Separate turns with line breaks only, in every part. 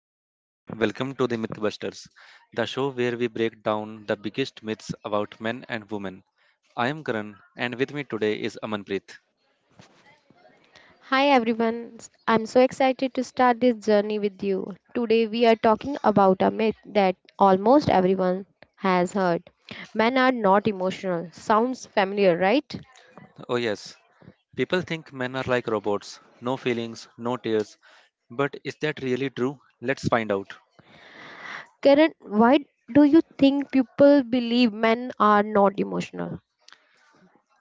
everyone, welcome to the Mythbusters, the show where we break down the biggest myths about men and women. I am Karan and with me today is Amanpreet.
Hi everyone, I'm so excited to start this journey with you. Today we are talking about a myth that almost everyone has heard. Men are not emotional. Sounds familiar, right?
Oh yes, people think men are like robots, no feelings, no tears, but is that really true? Let's find out.
Karen, why do you think people believe men are not emotional?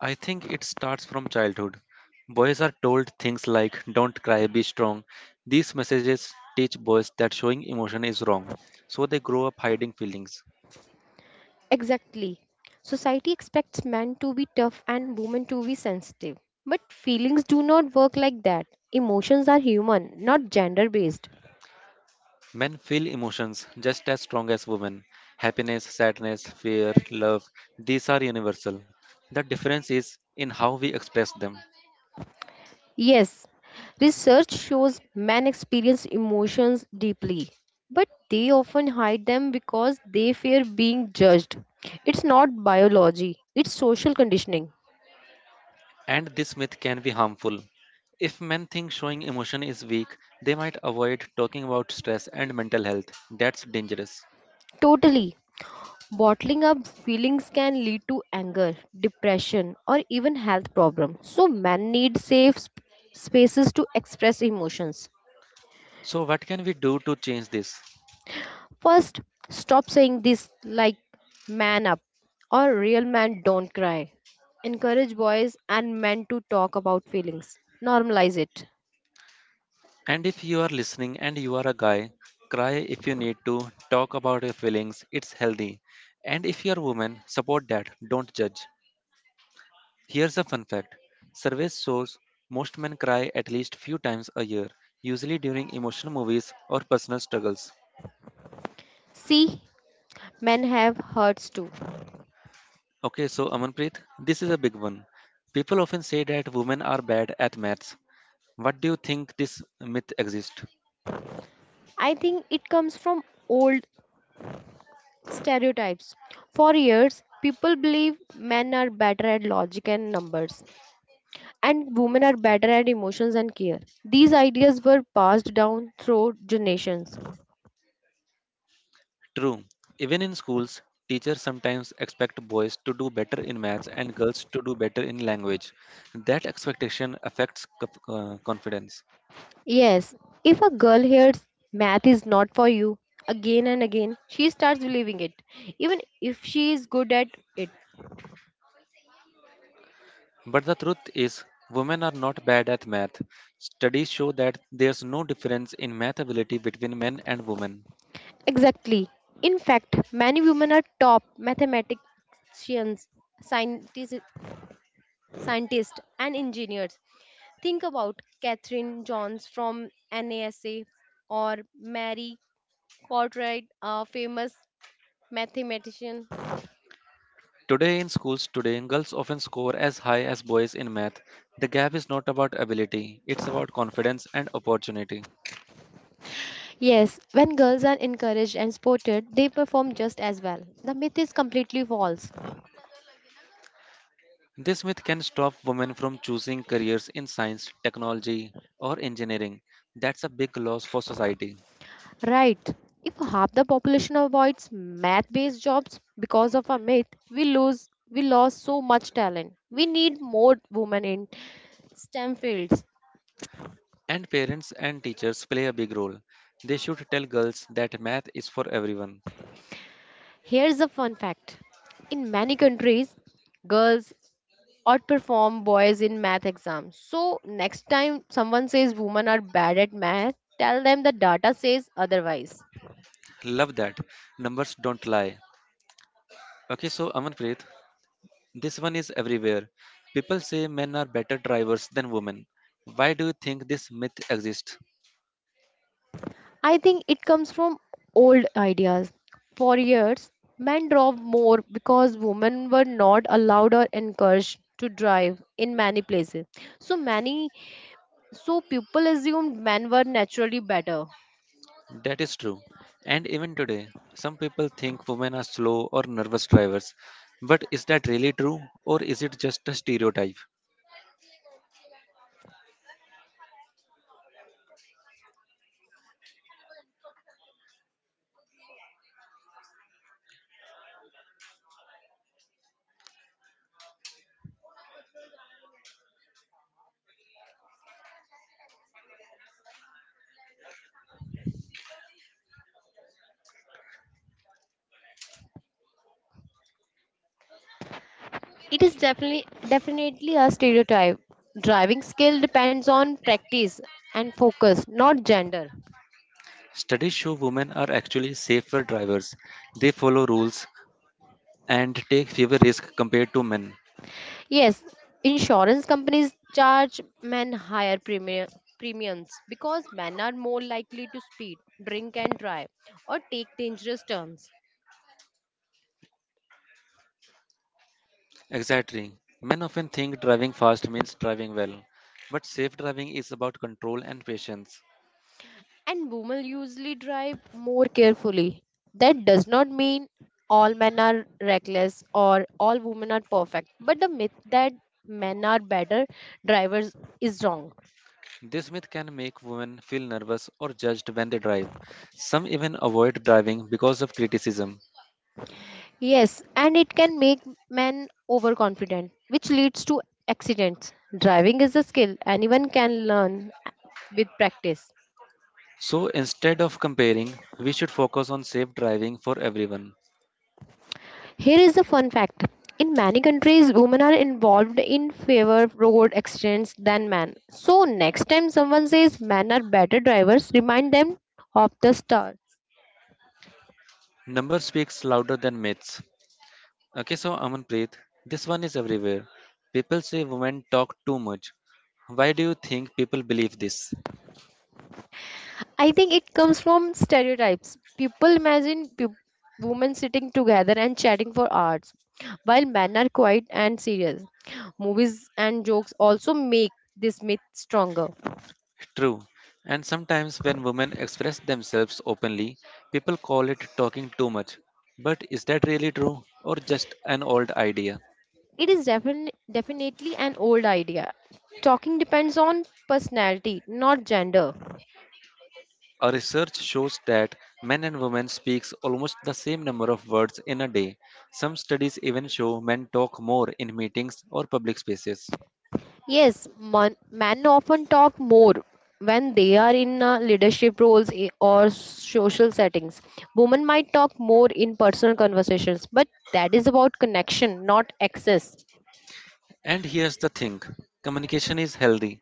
I think it starts from childhood. Boys are told things like don't cry, be strong. These messages teach boys that showing emotion is wrong, so they grow up hiding feelings.
Exactly. Society expects men to be tough and women to be sensitive. But feelings do not work like that. Emotions are human, not gender based.
Men feel emotions just as strong as women. Happiness, sadness, fear, love, these are universal. The difference is in how we express them.
Yes, research shows men experience emotions deeply, but they often hide them because they fear being judged. It's not biology, it's social conditioning.
And this myth can be harmful. If men think showing emotion is weak, they might avoid talking about stress and mental health. That's dangerous.
Totally. Bottling up feelings can lead to anger, depression, or even health problems. So, men need safe spaces to express emotions.
So, what can we do to change this?
First, stop saying this like man up or real man don't cry. Encourage boys and men to talk about feelings. Normalize it.
And if you are listening and you are a guy, cry if you need to, talk about your feelings, it's healthy. And if you are a woman, support that, don't judge. Here's a fun fact. Surveys shows most men cry at least few times a year, usually during emotional movies or personal struggles.
See, men have hurts too.
Okay, so Amanpreet, this is a big one. People often say that women are bad at maths. What do you think this myth exists?
I think it comes from old stereotypes. For years, people believe men are better at logic and numbers, and women are better at emotions and care. These ideas were passed down through generations.
True. Even in schools, teachers sometimes expect boys to do better in maths and girls to do better in language. That expectation affects confidence.
Yes, if a girl hears math is not for you again and again, she starts believing it, even if she is good at it.
But the truth is, women are not bad at math. Studies show that there's no difference in math ability between men and women.
Exactly. In fact, many women are top mathematicians, scientists, scientists and engineers. Think about Catherine Johns from NASA or Mary Cartwright, a famous mathematician.
Today in schools today, girls often score as high as boys in math. The gap is not about ability, it's about confidence and opportunity.
Yes, when girls are encouraged and supported, they perform just as well. The myth is completely false.
This myth can stop women from choosing careers in science, technology, or engineering. That's a big loss for society.
Right. If half the population avoids math-based jobs because of a myth, we lost so much talent. We need more women in STEM fields.
And parents and teachers play a big role. They should tell girls that math is for everyone.
Here's a fun fact. In many countries, girls outperform boys in math exams. So next time someone says women are bad at math, tell them the data says otherwise.
Love that. Numbers don't lie. Okay, so Amanpreet, this one is everywhere. People say men are better drivers than women. Why do you think this myth exists?
I think it comes from old ideas. For years, men drove more because women were not allowed or encouraged to drive in many places. So many so people assumed men were naturally better.
That is true. And even today, some people think women are slow or nervous drivers. But is that really true or is it just a stereotype?
It is definitely a stereotype. Driving skill depends on practice and focus, not gender.
Studies show women are actually safer drivers. They follow rules and take fewer risks compared to men.
Yes, insurance companies charge men higher premiums because men are more likely to speed, drink and drive, or take dangerous turns.
Exactly. Men often think driving fast means driving well, but safe driving is about control and patience.
And women usually drive more carefully. That does not mean all men are reckless or all women are perfect, but the myth that men are better drivers is wrong.
This myth can make women feel nervous or judged when they drive. Some even avoid driving because of criticism.
Yes, and it can make men overconfident, which leads to accidents. Driving is a skill anyone can learn with practice.
So instead of comparing, we should focus on safe driving for everyone.
Here is a fun fact. In many countries, women are involved in fewer road accidents than men. So, next time someone says men are better drivers, remind them of the star.
Number speaks louder than myths. Okay, so Amanpreet, this one is everywhere. People say women talk too much. Why do you think people believe this?
I think it comes from stereotypes. People imagine women sitting together and chatting for hours, while men are quiet and serious. Movies and jokes also make this myth stronger.
True. And sometimes when women express themselves openly, people call it talking too much. But is that really true or just an old idea?
It is definitely an old idea. Talking depends on personality, not gender.
Our research shows that men and women speaks almost the same number of words in a day. Some studies even show men talk more in meetings or public spaces.
Yes, men often talk more when they are in leadership roles or social settings. Women might talk more in personal conversations, but that is about connection, not access.
And here's the thing. Communication is healthy.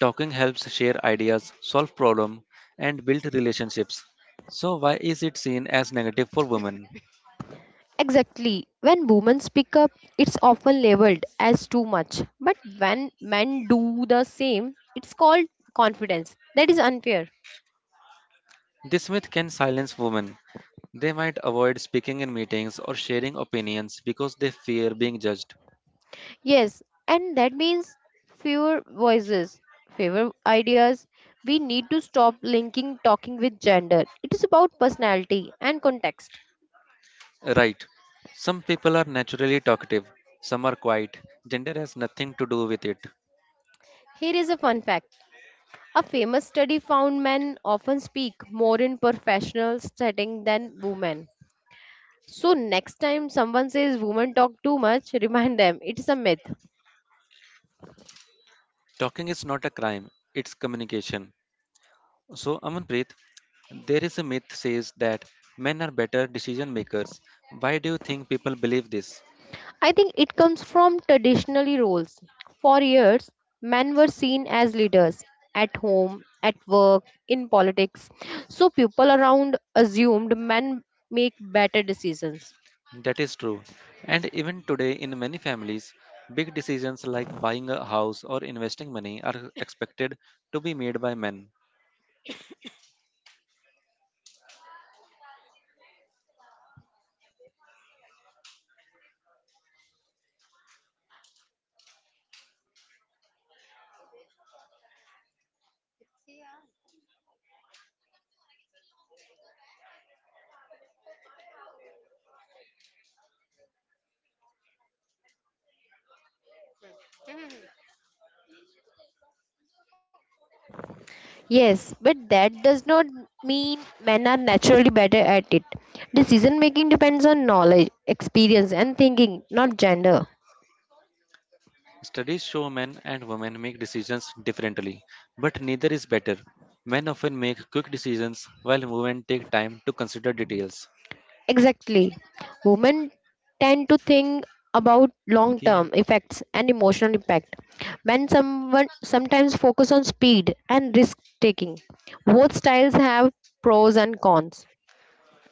Talking helps share ideas, solve problems, and build relationships. So why is it seen as negative for women?
Exactly. When women speak up, it's often labeled as too much. But when men do the same, it's called confidence. That is unfair.
This myth can silence women. They might avoid speaking in meetings or sharing opinions because they fear being judged.
Yes, and that means fewer voices, fewer ideas. We need to stop linking talking with gender. It is about personality and context.
Right. Some people are naturally talkative, some are quiet. Gender has nothing to do with it.
Here is a fun fact. A famous study found men often speak more in professional setting than women. So next time someone says women talk too much, remind them it is a myth.
Talking is not a crime, it's communication. So, Amanpreet, there is a myth says that men are better decision makers. Why do you think people believe this?
I think it comes from traditionally roles. For years, men were seen as leaders at home, at work, in politics. So people around assumed men make better decisions.
That is true. And even today, in many families, big decisions like buying a house or investing money are expected to be made by men.
Yes, but that does not mean men are naturally better at it. Decision making depends on knowledge, experience, and thinking, not gender.
Studies show men and women make decisions differently, but neither is better. Men often make quick decisions while women take time to consider details.
Exactly. Women tend to think about long
Yeah.
term effects and emotional impact. Men someone sometimes focus on speed and risk taking. Both styles have pros and cons.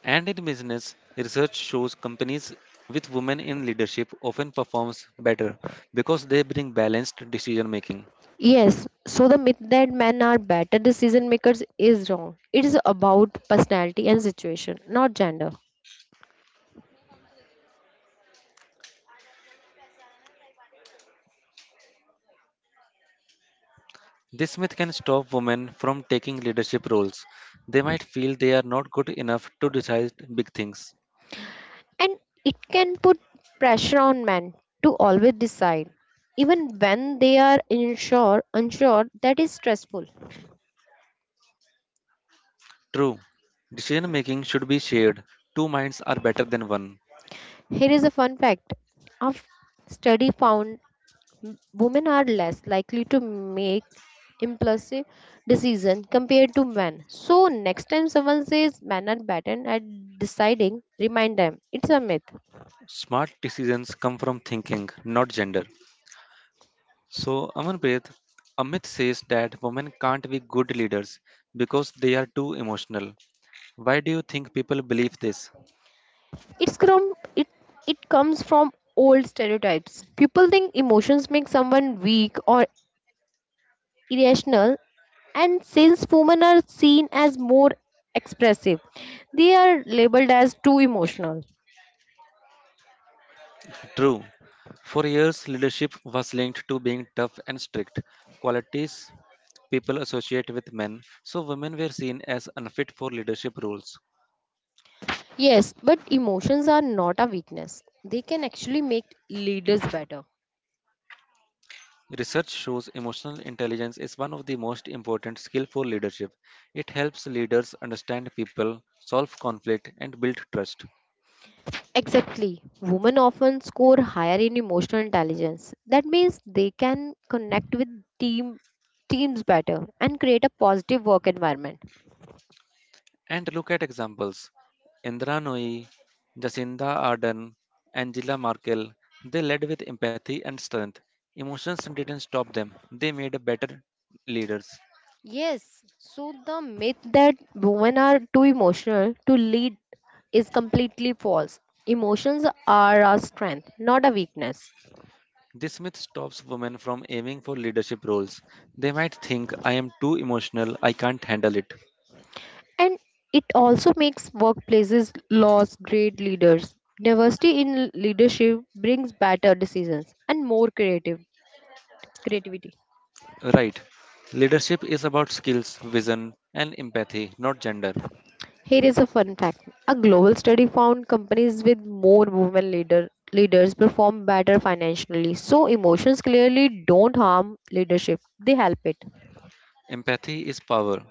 And in business, research shows companies with women in leadership often performs better because they bring balanced decision making.
Yes, so the myth that men are better decision makers is wrong. It is about personality and situation, not gender.
This myth can stop women from taking leadership roles. They might feel they are not good enough to decide big things.
And it can put pressure on men to always decide, even when they are unsure that is stressful.
True, decision making should be shared. Two minds are better than one.
Here is a fun fact. A study found women are less likely to make impulsive decision compared to men. So next time someone says men are better at deciding, remind them it's a myth.
Smart decisions come from thinking, not gender. So, Amanpreet, a myth says that women can't be good leaders because they are too emotional. Why do you think people believe this?
It it comes from old stereotypes. People think emotions make someone weak or irrational and since women are seen as more expressive, they are labeled as too emotional.
True. For years, leadership was linked to being tough and strict, qualities people associate with men, so women were seen as unfit for leadership roles.
Yes, but emotions are not a weakness. They can actually make leaders better.
Research shows emotional intelligence is one of the most important skills for leadership. It helps leaders understand people, solve conflict, and build trust.
Exactly. Women often score higher in emotional intelligence. That means they can connect with team teams better and create a positive work environment.
And look at examples. Indra Nooyi, Jacinda Ardern, Angela Merkel, they led with empathy and strength. Emotions didn't stop them, they made better leaders.
Yes, so the myth that women are too emotional to lead is completely false. Emotions are a strength, not a weakness.
This myth stops women from aiming for leadership roles. They might think, I am too emotional, I can't handle it.
And it also makes workplaces lose great leaders. Diversity in leadership brings better decisions and more creative creativity.
Right. Leadership is about skills, vision, and empathy, not gender.
Here is a fun fact. A global study found companies with more leaders perform better financially. So emotions clearly don't harm leadership. They help it.
Empathy is power.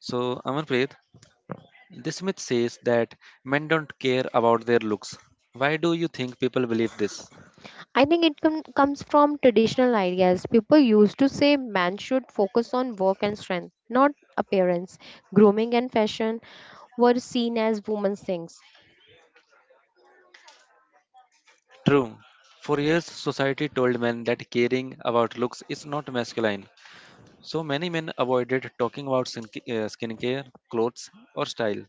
So, Amanpreet, this myth says that men don't care about their looks. Why do you think people believe this?
I think it comes from traditional ideas. People used to say men should focus on work and strength, not appearance. Grooming and fashion were seen as women's things.
True. For years, society told men that caring about looks is not masculine. So many men avoided talking about skincare, clothes, or style.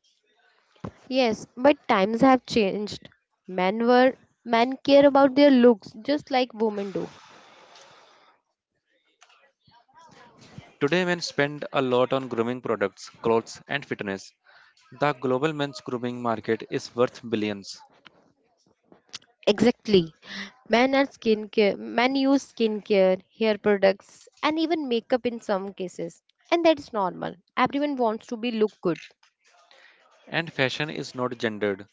Yes, but times have changed. Men were men care about their looks just like women do.
Today, men spend a lot on grooming products, clothes, and fitness. The global men's grooming market is worth billions.
Exactly. Men are skincare. Men use skincare, hair products, and even makeup in some cases, and that is normal. Everyone wants to be look good.
And fashion is not gendered.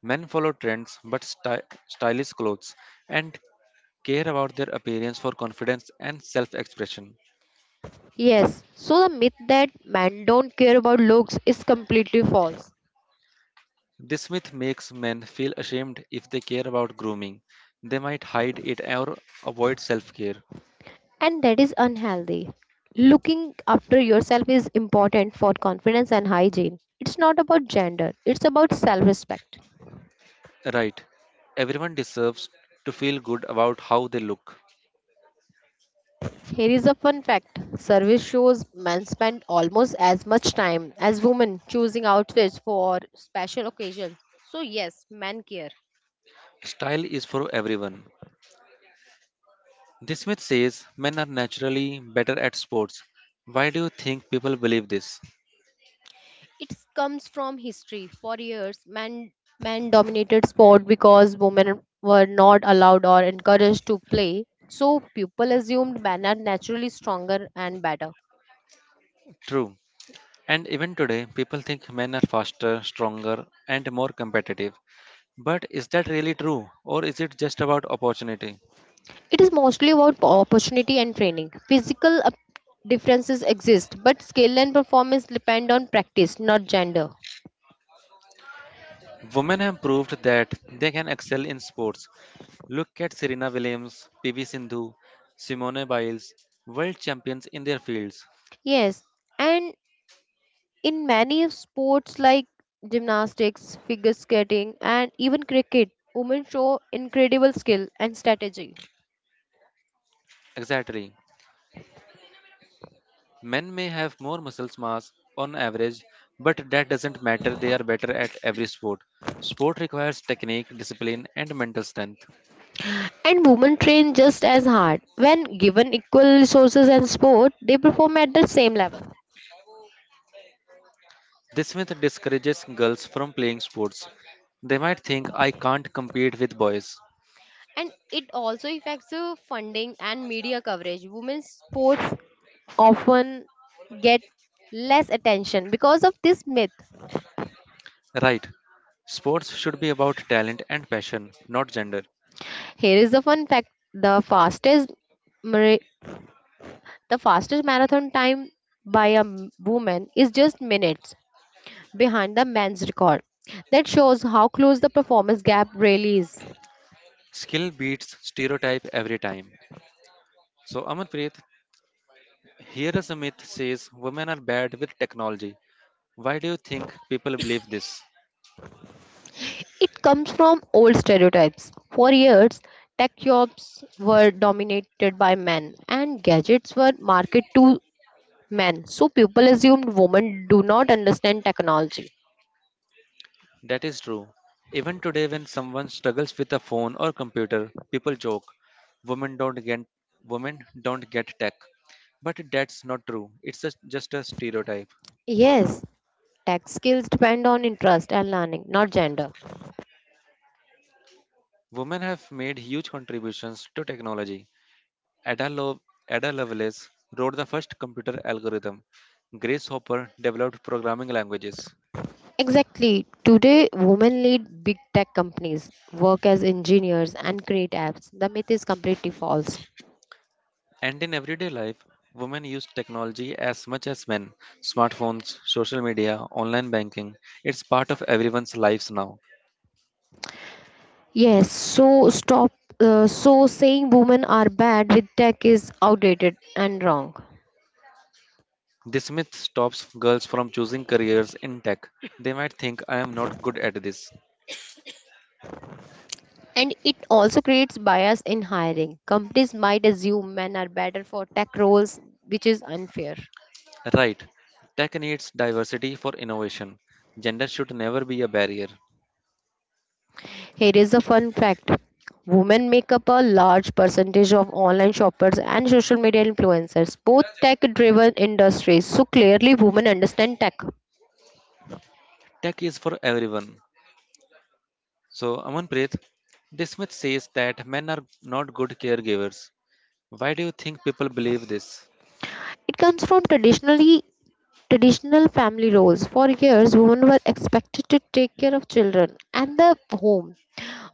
Men follow trends but stylish clothes and care about their appearance for confidence and self expression.
Yes, so the myth that men don't care about looks is completely false,
This myth makes men feel ashamed if they care about grooming. They might hide it or avoid self care.
and that is unhealthy. Looking after yourself is important for confidence and hygiene. It's not about gender, it's about self respect.
Right. Everyone deserves to feel good about how they look.
Here is a fun fact survey shows men spend almost as much time as women choosing outfits for special occasions. So, yes, men care.
Style is for everyone. This myth says men are naturally better at sports. Why do you think people believe this?
It comes from history. For years, men dominated sport because women were not allowed or encouraged to play. So people assumed men are naturally stronger and better.
True. And even today, people think men are faster, stronger, and more competitive. But is that really true, or is it just about opportunity?
It is mostly about opportunity and training. Differences exist, but skill and performance depend on practice, not gender.
Women have proved that they can excel in sports. Look at Serena Williams, PV Sindhu, Simone Biles, world champions in their fields.
Yes, and in many sports like gymnastics, figure skating, and even cricket, women show incredible skill and strategy.
Exactly. Men may have more muscle mass on average, but that doesn't matter. They are better at every sport. Sport requires technique, discipline, and mental strength.
And women train just as hard. When given equal resources and support, they perform at the same level.
This myth discourages girls from playing sports. They might think I can't compete with boys.
And it also affects the funding and media coverage. Women's sports often get less attention because of this myth.
Right. Sports should be about talent and passion, not gender.
Here is the fun fact: mara- the fastest marathon time by a woman is just minutes behind the men's record. That shows how close the performance gap really is.
Skill beats stereotype every time. So Amanpreet, here is a myth says women are bad with technology. Why do you think people believe this?
It comes from old stereotypes. For years, tech jobs were dominated by men and gadgets were marketed to men, so people assumed women do not understand technology.
That is true. Even today, when someone struggles with a phone or computer, people joke, "Women don't get women don't get tech." But that's not true. It's a, just a stereotype.
Yes, tech skills depend on interest and learning, not gender.
Women have made huge contributions to technology. Ada, Lo- Ada Lovelace wrote the first computer algorithm. Grace Hopper developed programming languages.
Exactly. Today, women lead big tech companies, work as engineers, and create apps. The myth is completely false.
And in everyday life, women use technology as much as men. Smartphones, social media, online banking, it's part of everyone's lives now.
Yes, so stop. So saying women are bad with tech is outdated and wrong.
This myth stops girls from choosing careers in tech. They might think I am not good at this.
And it also creates bias in hiring. Companies might assume men are better for tech roles, which is unfair.
Right. Tech needs diversity for innovation. Gender should never be a barrier.
Here is a fun fact women make up a large percentage of online shoppers and social media influencers, both tech driven industries. So clearly, women understand tech.
Tech is for everyone. So, Amanpreet, this myth says that men are not good caregivers. Why do you think people believe this?
It comes from traditional family roles. For years, women were expected to take care of children and the home,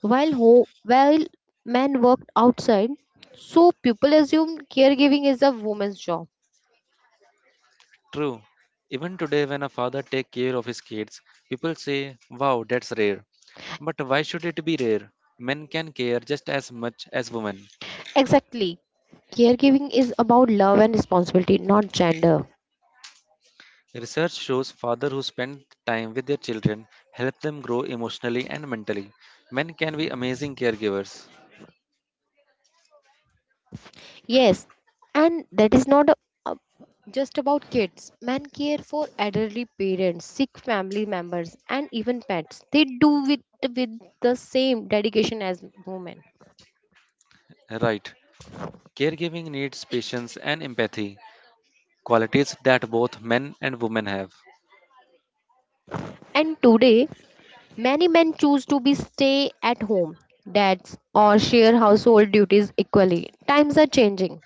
while men worked outside. So people assumed caregiving is a woman's job.
True. Even today, when a father takes care of his kids, people say, wow, that's rare. But why should it be rare? Men can care just as much as women.
Exactly, caregiving is about love and responsibility, not gender.
Research shows fathers who spend time with their children help them grow emotionally and mentally. Men can be amazing caregivers.
Yes, and that is not a, a- just about kids. Men care for elderly parents, sick family members, and even pets. They do with the same dedication as women.
Right. Caregiving needs patience and empathy, qualities that both men and women have.
And today, many men choose to be stay at home dads or share household duties equally. Times are changing,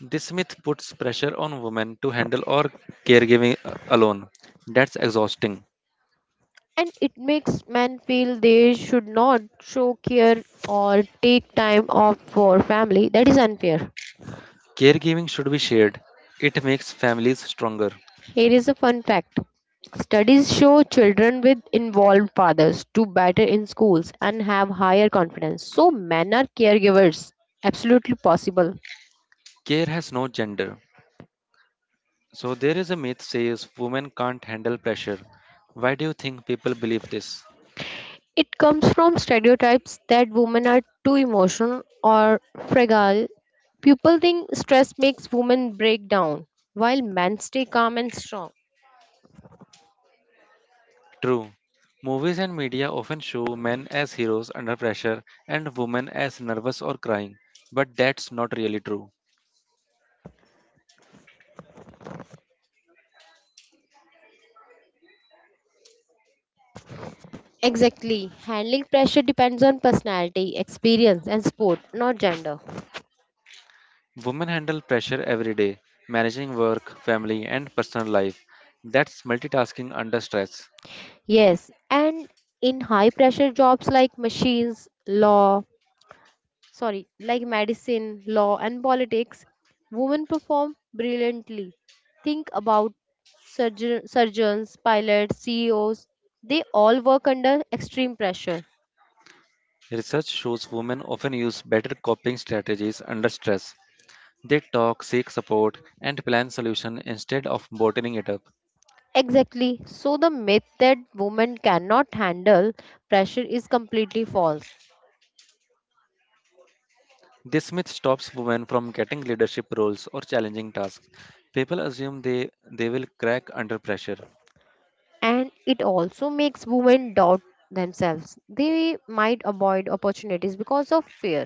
This myth puts pressure on women to handle all caregiving alone. That's exhausting.
and it makes men feel they should not show care or take time off for family. That is unfair.
Caregiving should be shared. It makes families stronger.
Here is a fun fact. Studies show children with involved fathers do better in schools and have higher confidence. So men are caregivers. Absolutely possible.
Care has no gender. So there is a myth says women can't handle pressure. Why do you think people believe this?
It comes from stereotypes that women are too emotional or fragile. People think stress makes women break down, while men stay calm and strong.
True. Movies and media often show men as heroes under pressure and women as nervous or crying, but that's not really true.
Exactly. Handling pressure depends on personality, experience, and sport, not gender.
Women handle pressure every day, managing work, family, and personal life. That's multitasking under stress.
Yes, and in high pressure jobs like medicine, law, and politics, women perform brilliantly. Think about surgeons, pilots, CEOs, they all work under extreme pressure.
Research shows women often use better coping strategies under stress. They talk, seek support, and plan solution instead of bottling it up.
Exactly. So the myth that women cannot handle pressure is completely false.
This myth stops women from getting leadership roles or challenging tasks. People assume they will crack under pressure.
And it also makes women doubt themselves. They might avoid opportunities because of fear.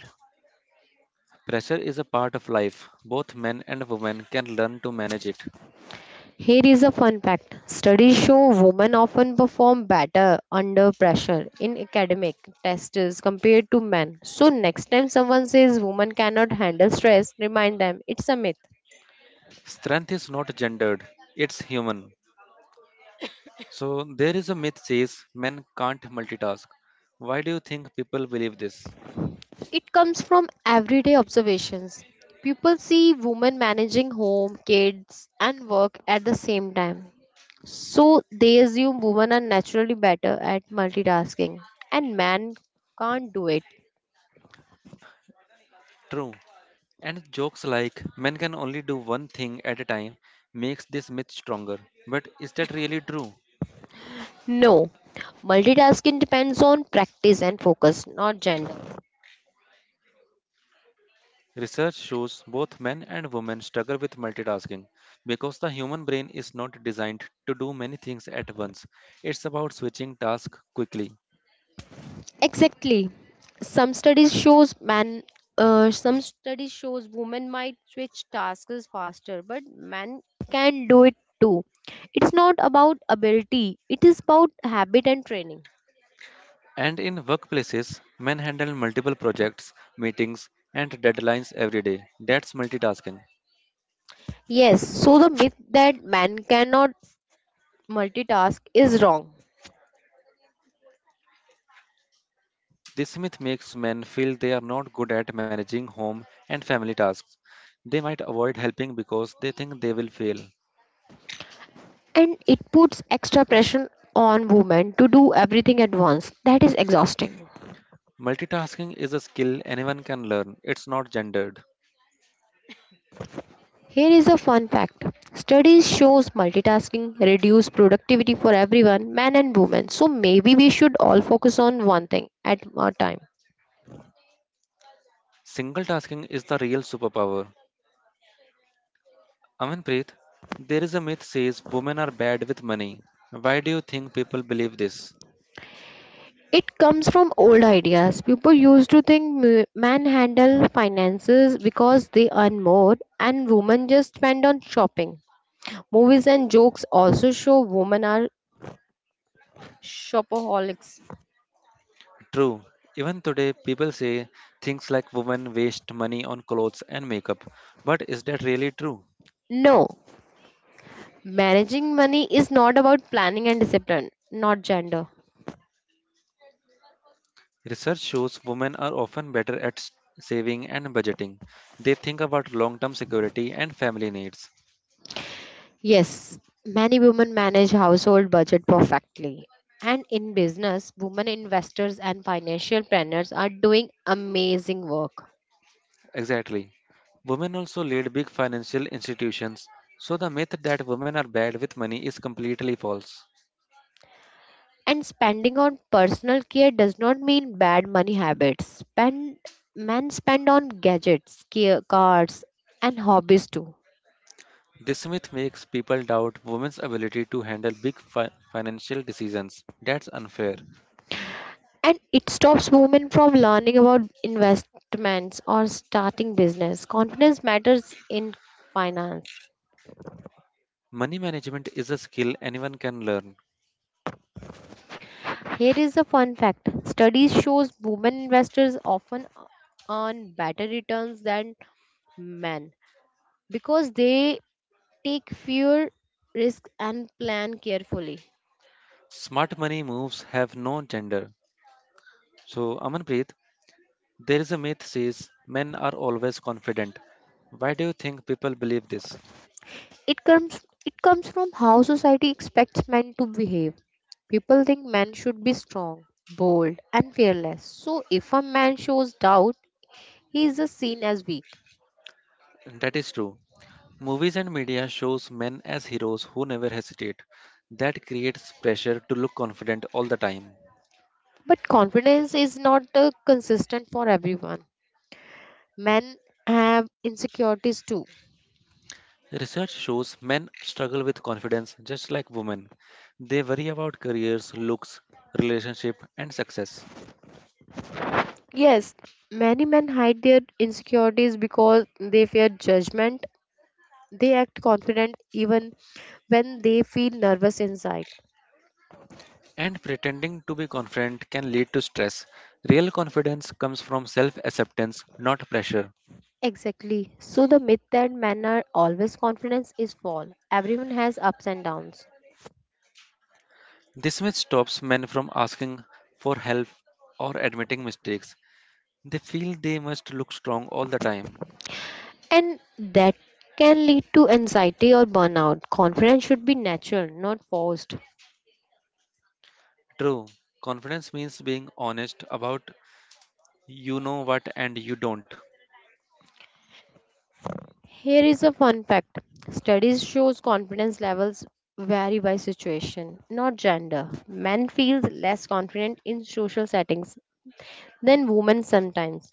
Pressure is a part of life. Both men and women can learn to manage it.
Here is a fun fact. Studies show women often perform better under pressure in academic tests compared to men. So, next time someone says women cannot handle stress, remind them it's a myth.
Strength is not gendered, it's human. So there is a myth says men can't multitask. Why do you think people believe this?
It comes from everyday observations. People see women managing home, kids, and work at the same time. So, they assume women are naturally better at multitasking and men can't do it.
True. And jokes like men can only do one thing at a time makes this myth stronger. But is that really true?
No, multitasking depends on practice and focus, not gender.
Research shows both men and women struggle with multitasking because the human brain is not designed to do many things at once. It's about switching tasks quickly.
Exactly. Some studies shows man some studies shows women might switch tasks faster, but men can do it too. It's not about ability, it is about habit and training.
And in workplaces, men handle multiple projects, meetings, and deadlines every day. That's multitasking.
Yes, so the myth that man cannot multitask is wrong.
This myth makes men feel they are not good at managing home and family tasks. They might avoid helping because they think they will fail.
And it puts extra pressure on women to do everything at once. That is exhausting.
Multitasking is a skill anyone can learn, it's not gendered.
Here is a fun fact. Studies shows multitasking reduce productivity for everyone, men and women. So maybe we should all focus on one thing at a time.
Single tasking is the real superpower. Amanpreet, there is a myth says women are bad with money. Why do you think people believe this?
It comes from old ideas. People used to think men handle finances because they earn more and women just spend on shopping. Movies and jokes also show women are shopaholics.
True. Even today, people say things like women waste money on clothes and makeup. But is that really true?
No, managing money is not about planning and discipline, not gender.
Research shows women are often better at saving and budgeting. They think about long term security and family needs.
Yes, many women manage household budget perfectly. And in business, women investors and financial planners are doing amazing work.
Exactly. Women also lead big financial institutions, so the myth that women are bad with money is completely false.
And spending on personal care does not mean bad money habits. Spend men spend on gadgets, care, cars, and hobbies too.
This myth makes people doubt women's ability to handle big financial decisions. That's unfair.
And it stops women from learning about investments or starting business. Confidence matters in finance.
Money management is a skill anyone can learn.
Here is a fun fact. Studies shows women investors often earn better returns than men because they take fewer risks and plan carefully.
Smart money moves have no gender. So, Amanpreet, there is a myth says men are always confident. Why do you think people believe this?
It comes from how society expects men to behave. People think men should be strong, bold, and fearless. So if a man shows doubt, he is seen as weak.
That is true. Movies and media shows men as heroes who never hesitate. That creates pressure to look confident all the time.
But confidence is not consistent for everyone. Men have insecurities too.
Research shows men struggle with confidence just like women. They worry about careers, looks, relationship and success.
Yes, many men hide their insecurities because they fear judgment. They act confident even when they feel nervous inside.
And pretending to be confident can lead to stress. Real confidence comes from self-acceptance, not pressure.
Exactly. So the myth that men are always confident is false. Everyone has ups and downs.
This myth stops men from asking for help or admitting mistakes. They feel they must look strong all the time.
And that can lead to anxiety or burnout. Confidence should be natural, not forced.
True, confidence means being honest about you know what and you don't.
Here is a fun fact. Studies shows confidence levels vary by situation, not gender. Men feel less confident in social settings than women sometimes.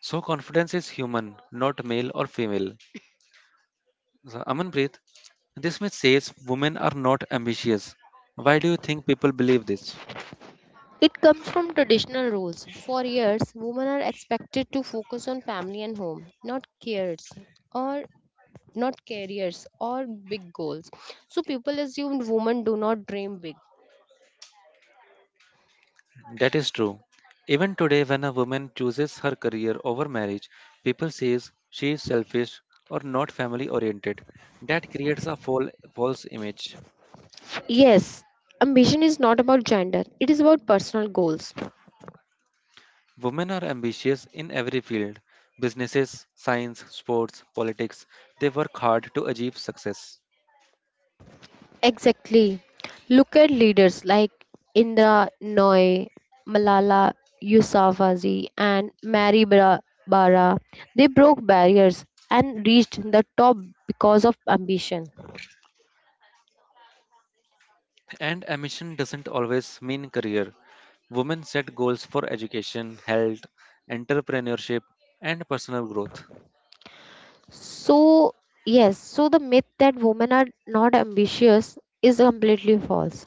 So, confidence is human, not male or female. So, Amanpreet, this myth says women are not ambitious. Why do you think people believe this?
It comes from traditional roles. For years, women are expected to focus on family and home, or not careers or big goals. So people assumed women do not dream big.
That is true. Even today, when a woman chooses her career over marriage, people says she is selfish or not family oriented. That creates a false image.
Yes, ambition is not about gender. It is about personal goals.
Women are ambitious in every field businesses, science, sports, politics. They work hard to achieve success.
Exactly. Look at leaders like Indra Nooyi, Malala Yousafzai, and Mary Bara. Bara. They broke barriers and reached the top because of ambition.
And ambition doesn't always mean career. Women set goals for education, health, entrepreneurship, and personal growth.
So yes, so the myth that women are not ambitious is completely false.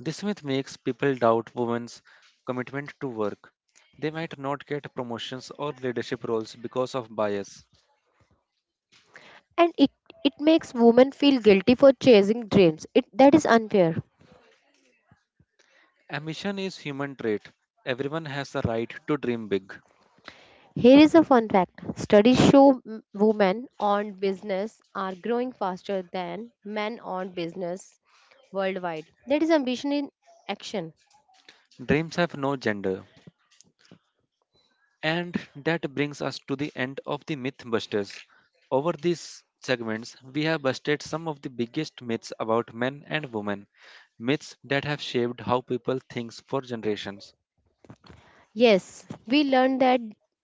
This myth makes people doubt women's commitment to work. They might not get promotions or leadership roles because of bias.
And it makes women feel guilty for chasing dreams. It, that is unfair.
Ambition is human trait. Everyone has the right to dream big.
Here is a fun fact. Studies show women owned business are growing faster than men owned business worldwide. That is ambition in action.
Dreams have no gender. And that brings us to the end of the Mythbusters. Over these segments, we have busted some of the biggest myths about men and women, myths that have shaped how people think for generations.
Yes, we learned that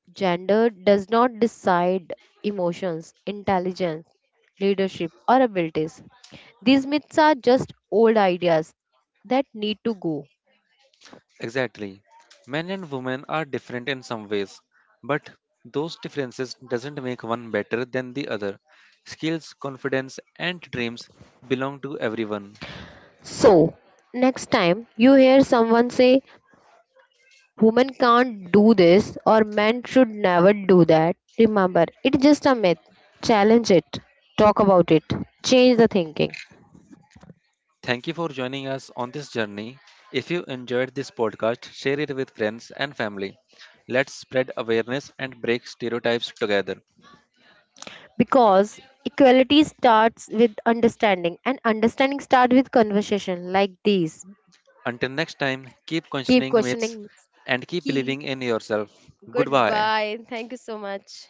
gender does not decide emotions, intelligence, leadership, or abilities. These myths are just old ideas that need to go.
Exactly. Men and women are different in some ways, but those differences doesn't make one better than the other. Skills, confidence and dreams belong to everyone.
So, next time you hear someone say women can't do this or men should never do that. Remember, it's just a myth. Challenge it, talk about it, change the thinking.
Thank you for joining us on this journey. If you enjoyed this podcast, share it with friends and family. Let's spread awareness and break stereotypes together.
Because equality starts with understanding, and understanding starts with conversation like these.
Until next time, keep
Keep
questioning
questioning.
myths and keep
Keep.
believing in yourself. Goodbye.
Goodbye. Thank you so much.